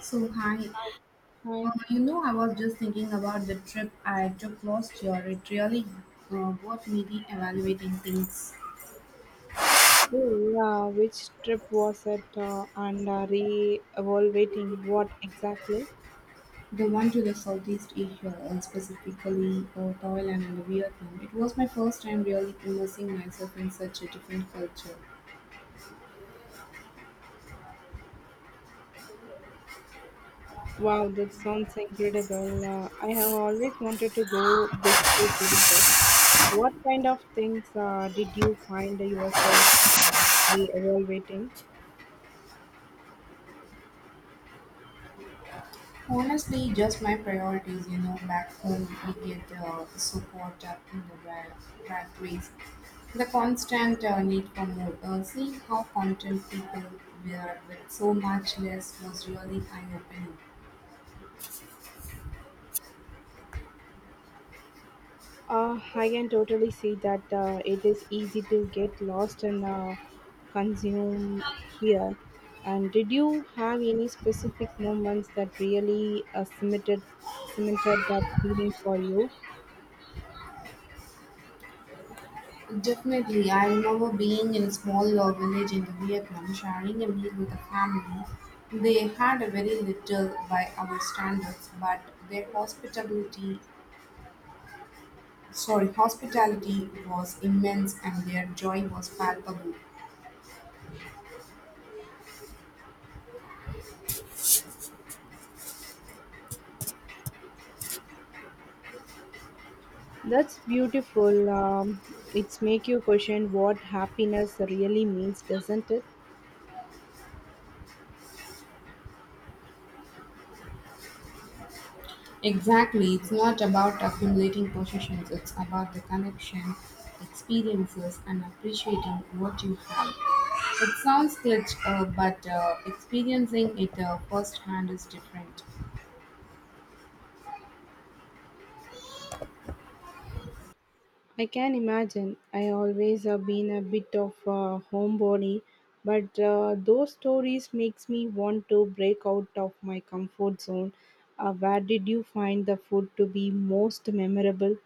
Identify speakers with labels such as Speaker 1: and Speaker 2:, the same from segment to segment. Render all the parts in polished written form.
Speaker 1: So, hi.
Speaker 2: Hi.
Speaker 1: I was just thinking about the trip I took last year. It really got me re-evaluating things.
Speaker 2: Oh, yeah. Which trip was it? And re-evaluating what exactly?
Speaker 1: The one to the Southeast Asia, specifically Thailand and Vietnam. It was my first time really immersing myself in such a different culture.
Speaker 2: Wow, that sounds incredible. I have always wanted to go big trip like that. What kind of things did you find yourself re-evaluating?
Speaker 1: Honestly, just my priorities, you know, back home we get so caught up in the rat race. The constant need for more. Seeing how content people were with so much less was really eye-opening.
Speaker 2: I can totally see that it is easy to get lost and consume here. And did you have any specific moments that really cemented that feeling for you?
Speaker 1: Definitely, I remember being in a small village in the Vietnam, sharing a meal with a family. They had a very little by our standards, but their hospitality. Sorry, hospitality was immense and their joy was palpable.
Speaker 2: That's beautiful. It's make you question what happiness really means, doesn't it?
Speaker 1: Exactly. It's not about accumulating possessions, it's about the connection, experiences, and appreciating what you have. It sounds glitch, but experiencing it firsthand is different.
Speaker 2: I can imagine. I always have been a bit of a homebody, but those stories makes me want to break out of my comfort zone. Where did you find the food to be most memorable?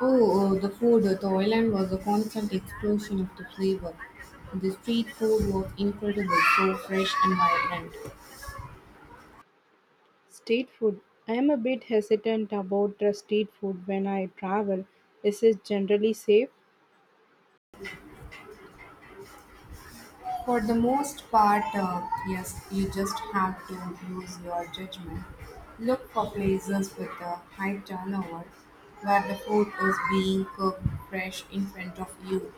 Speaker 1: Oh, the food. The island was a constant explosion of the flavor. The street food was incredible, so fresh and vibrant.
Speaker 2: Street food. I am a bit hesitant about street food when I travel. Is it generally safe?
Speaker 1: For the most part, yes, you just have to use your judgment. Look for places with a high turnover where the food is being cooked fresh in front of you.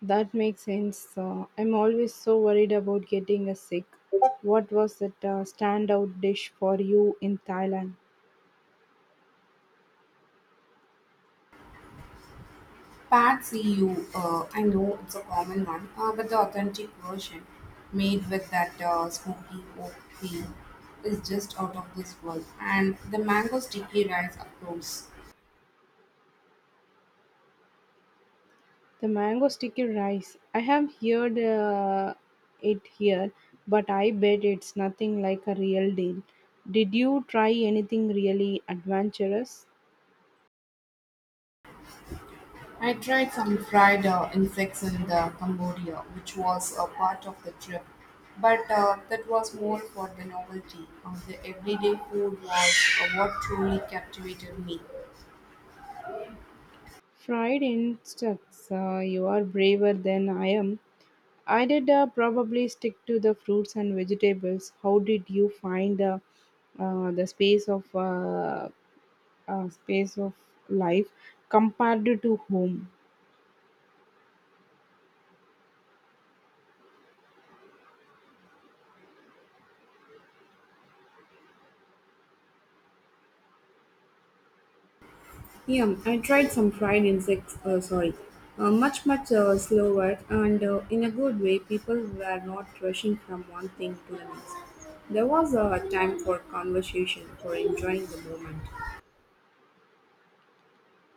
Speaker 2: That makes sense. I'm always so worried about getting a sick. What was that standout dish for you in Thailand?
Speaker 1: Patsy, you, I know it's a common one, but the authentic version made with that smoky oak peel is just out of this world. And the mango sticky rice, of course.
Speaker 2: The mango sticky rice. I have heard it here, but I bet it's nothing like a real deal. Did you try anything really adventurous?
Speaker 1: I tried some fried insects in Cambodia, which was a part of the trip, but that was more for the novelty. The everyday food was what truly captivated me.
Speaker 2: Fried insects. You are braver than I am. I did probably stick to the fruits and vegetables. How did you find the space of life compared to home?
Speaker 1: Yeah, I tried some fried insects. Sorry, much slower and in a good way. People were not rushing from one thing to the next. There was a time for conversation, for enjoying the moment.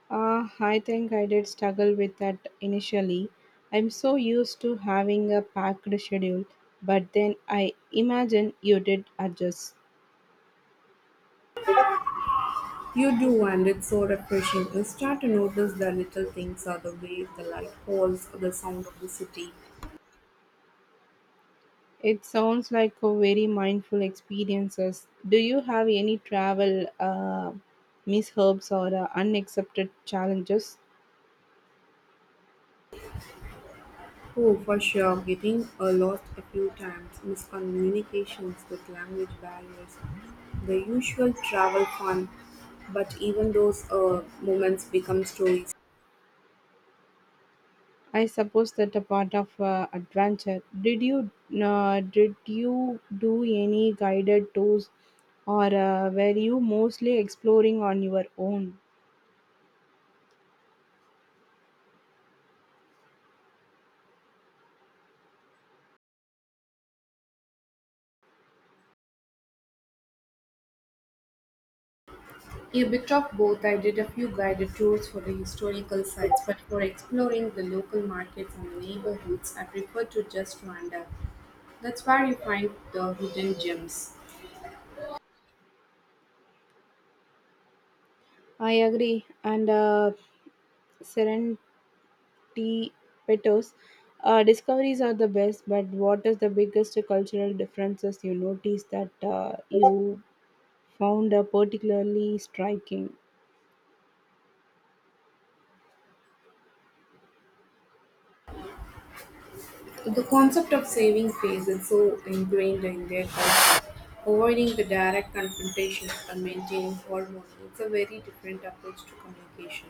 Speaker 2: I think I did struggle with that initially. I'm so used to having a packed schedule, but then I imagine you did adjust.
Speaker 1: You do, and it's so refreshing. You start to notice the little things or the way the light falls or the sound of the city.
Speaker 2: It sounds like a very mindful experiences. Do you have any travel mishaps or unaccepted challenges?
Speaker 1: Oh, for sure, getting lost a few times, miscommunications with language barriers, the usual travel fun, but even those moments become stories.
Speaker 2: I suppose that a part of adventure. Did you do any guided tours, or were you mostly exploring on your own?
Speaker 1: A bit of both. I did a few guided tours for the historical sites, but for exploring the local markets and neighborhoods, I prefer to just wander. That's where you find the hidden gems.
Speaker 2: I agree. And serendipitous discoveries are the best. But what is the biggest cultural differences you notice that you found particularly striking?
Speaker 1: The concept of saving face is so ingrained in their culture. Avoiding the direct confrontations and maintaining harmony. It's a very different approach to communication.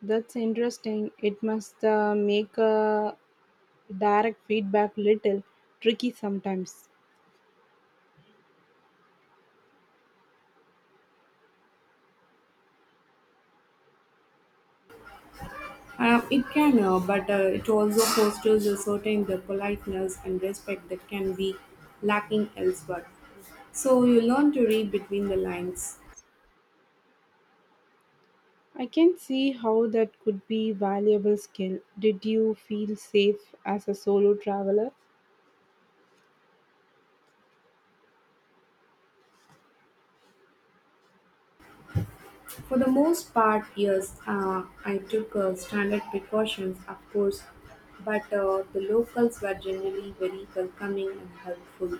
Speaker 2: That's interesting. It must make a direct feedback little tricky sometimes.
Speaker 1: It can, but it also fosters a certain the politeness and respect that can be lacking elsewhere. So you learn to read between the lines.
Speaker 2: I can see how that could be valuable skill. Did you feel safe as a solo traveler?
Speaker 1: For the most part, yes, I took standard precautions, of course, but the locals were generally very welcoming and helpful.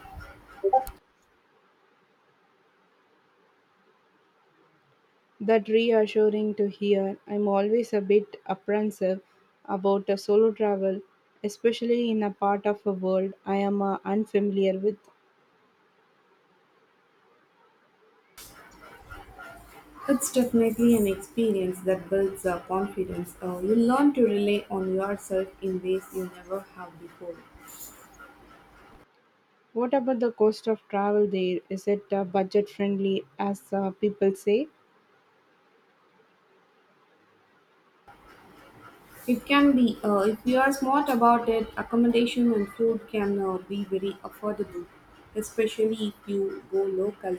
Speaker 2: That reassuring to hear. I'm always a bit apprehensive about a solo travel, especially in a part of a world I am unfamiliar with.
Speaker 1: It's definitely an experience that builds confidence. You learn to rely on yourself in ways you never have before.
Speaker 2: What about the cost of travel there? Is it budget friendly as people say?
Speaker 1: It can be, if you are smart about it, accommodation and food can be very affordable, especially if you go local.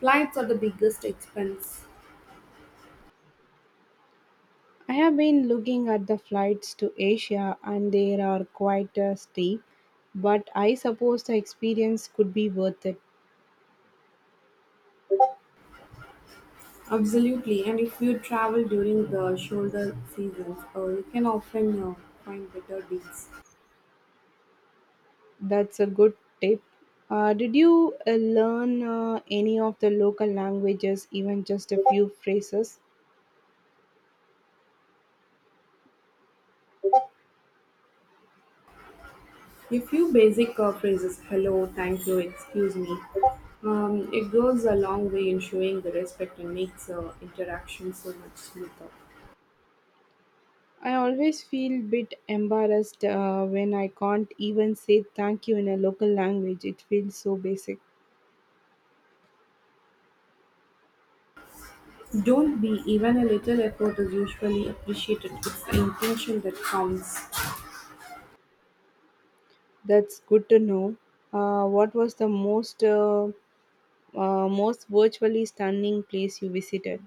Speaker 1: Flights are the biggest expense.
Speaker 2: I have been looking at the flights to Asia and they are quite steep, but I suppose the experience could be worth it.
Speaker 1: Absolutely, and if you travel during the shoulder seasons, you can often find better deals.
Speaker 2: That's a good tip. Did you learn any of the local languages, even just a few phrases?
Speaker 1: A few basic phrases hello, thank you, excuse me. It goes a long way in showing the respect and makes interaction so much smoother.
Speaker 2: I always feel bit embarrassed when I can't even say thank you in a local language. It feels so basic.
Speaker 1: Don't be, even a little effort is usually appreciated. It's the intention that counts.
Speaker 2: That's good to know. What was the most most virtually stunning place you visited?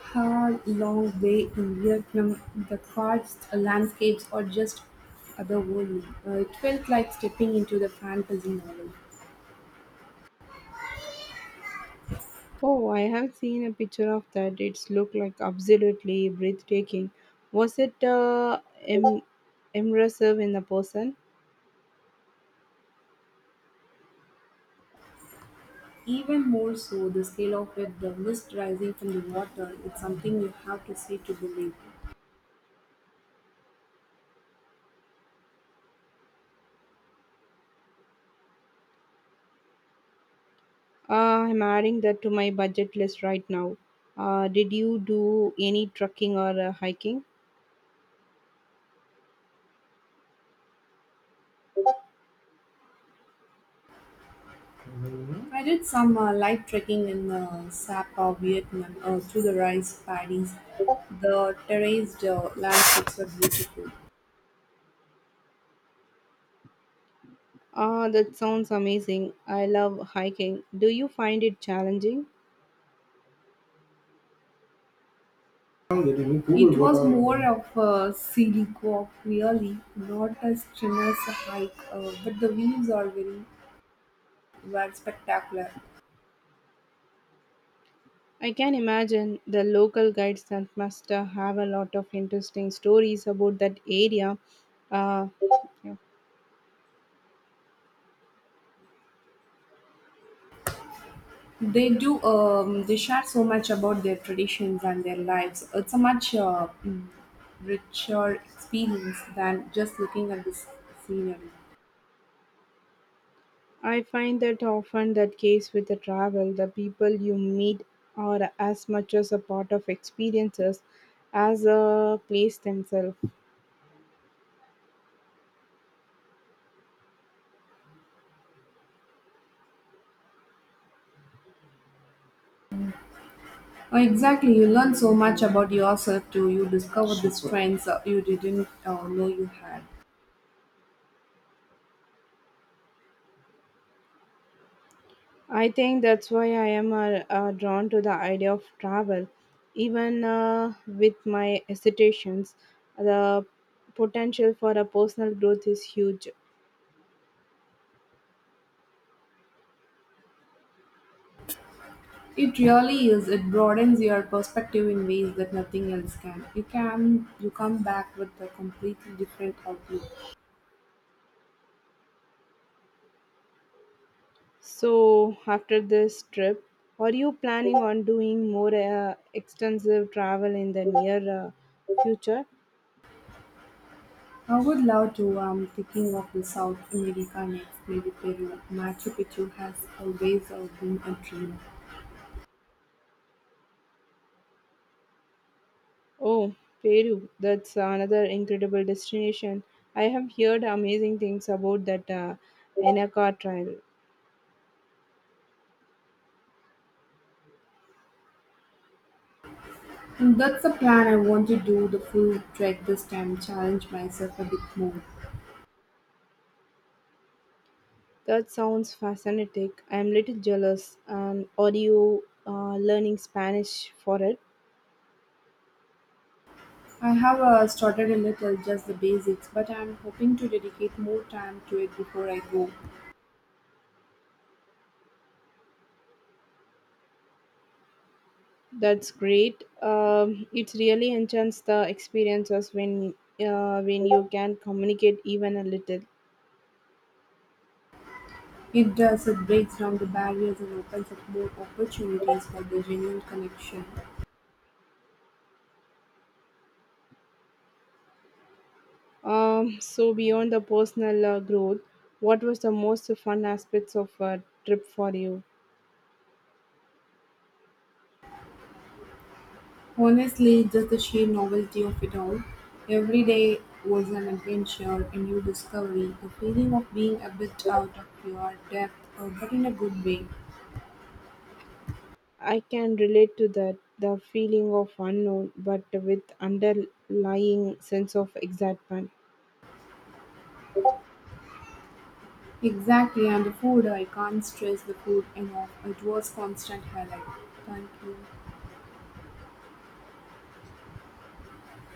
Speaker 1: How long way in Vietnam, the cards, the landscapes are just otherworldly. It felt like stepping into the fantasy novel.
Speaker 2: Oh, I have seen a picture of that. It's looked like absolutely breathtaking. Was it im- immersive in the person?
Speaker 1: Even more so, the scale of it, the mist rising from the water, it's something you have to see to believe.
Speaker 2: I'm adding that to my budget list right now. Did you do any trekking or hiking?
Speaker 1: I did some light trekking in Sapa, Vietnam, through the rice paddies. The terraced landscapes are beautiful.
Speaker 2: Ah, that sounds amazing. I love hiking. Do you find it challenging?
Speaker 1: It was more of a scenic walk really, not a strenuous hike, but the views are very were spectacular.
Speaker 2: I can imagine the local guides that must have a lot of interesting stories about that area. Uh, yeah.
Speaker 1: They do they share so much about their traditions and their lives. It's a much richer experience than just looking at the scenery.
Speaker 2: I find that often that case with the travel, the people you meet are as much as a part of experiences as a place themselves.
Speaker 1: Exactly, you learn so much about yourself too. You discover these Super strengths you didn't know you had.
Speaker 2: I think that's why I am drawn to the idea of travel, even with my hesitations. The potential for a personal growth is huge.
Speaker 1: It really is. It broadens your perspective in ways that nothing else can. You come back with a completely different outlook.
Speaker 2: So after this trip, are you planning on doing more extensive travel in the near future?
Speaker 1: I would love to. I'm thinking of the South America next, maybe Peru. Machu Picchu has always been a dream.
Speaker 2: Oh, Peru, that's another incredible destination. I have heard amazing things about that Inca trial.
Speaker 1: And that's the plan. I want to do the full trek this time. Challenge myself a bit more.
Speaker 2: That sounds fascinating. I'm little jealous. Are you learning Spanish for it?
Speaker 1: I have started a little, just the basics, but I'm hoping to dedicate more time to it before I go.
Speaker 2: That's great. It really enchants the experiences when you can communicate even a little.
Speaker 1: It does, it breaks down the barriers and opens up more opportunities for the genuine connection.
Speaker 2: So beyond the personal growth, what was the most fun aspects of a trip for you?
Speaker 1: Honestly, just the sheer novelty of it all. Every day was an adventure, a new discovery, the feeling of being a bit out of your depth, but in a good way.
Speaker 2: I can relate to that the feeling of unknown but with underlying sense of excitement.
Speaker 1: Exactly, and the food, I can't stress the food enough. It was constant highlight. Thank you.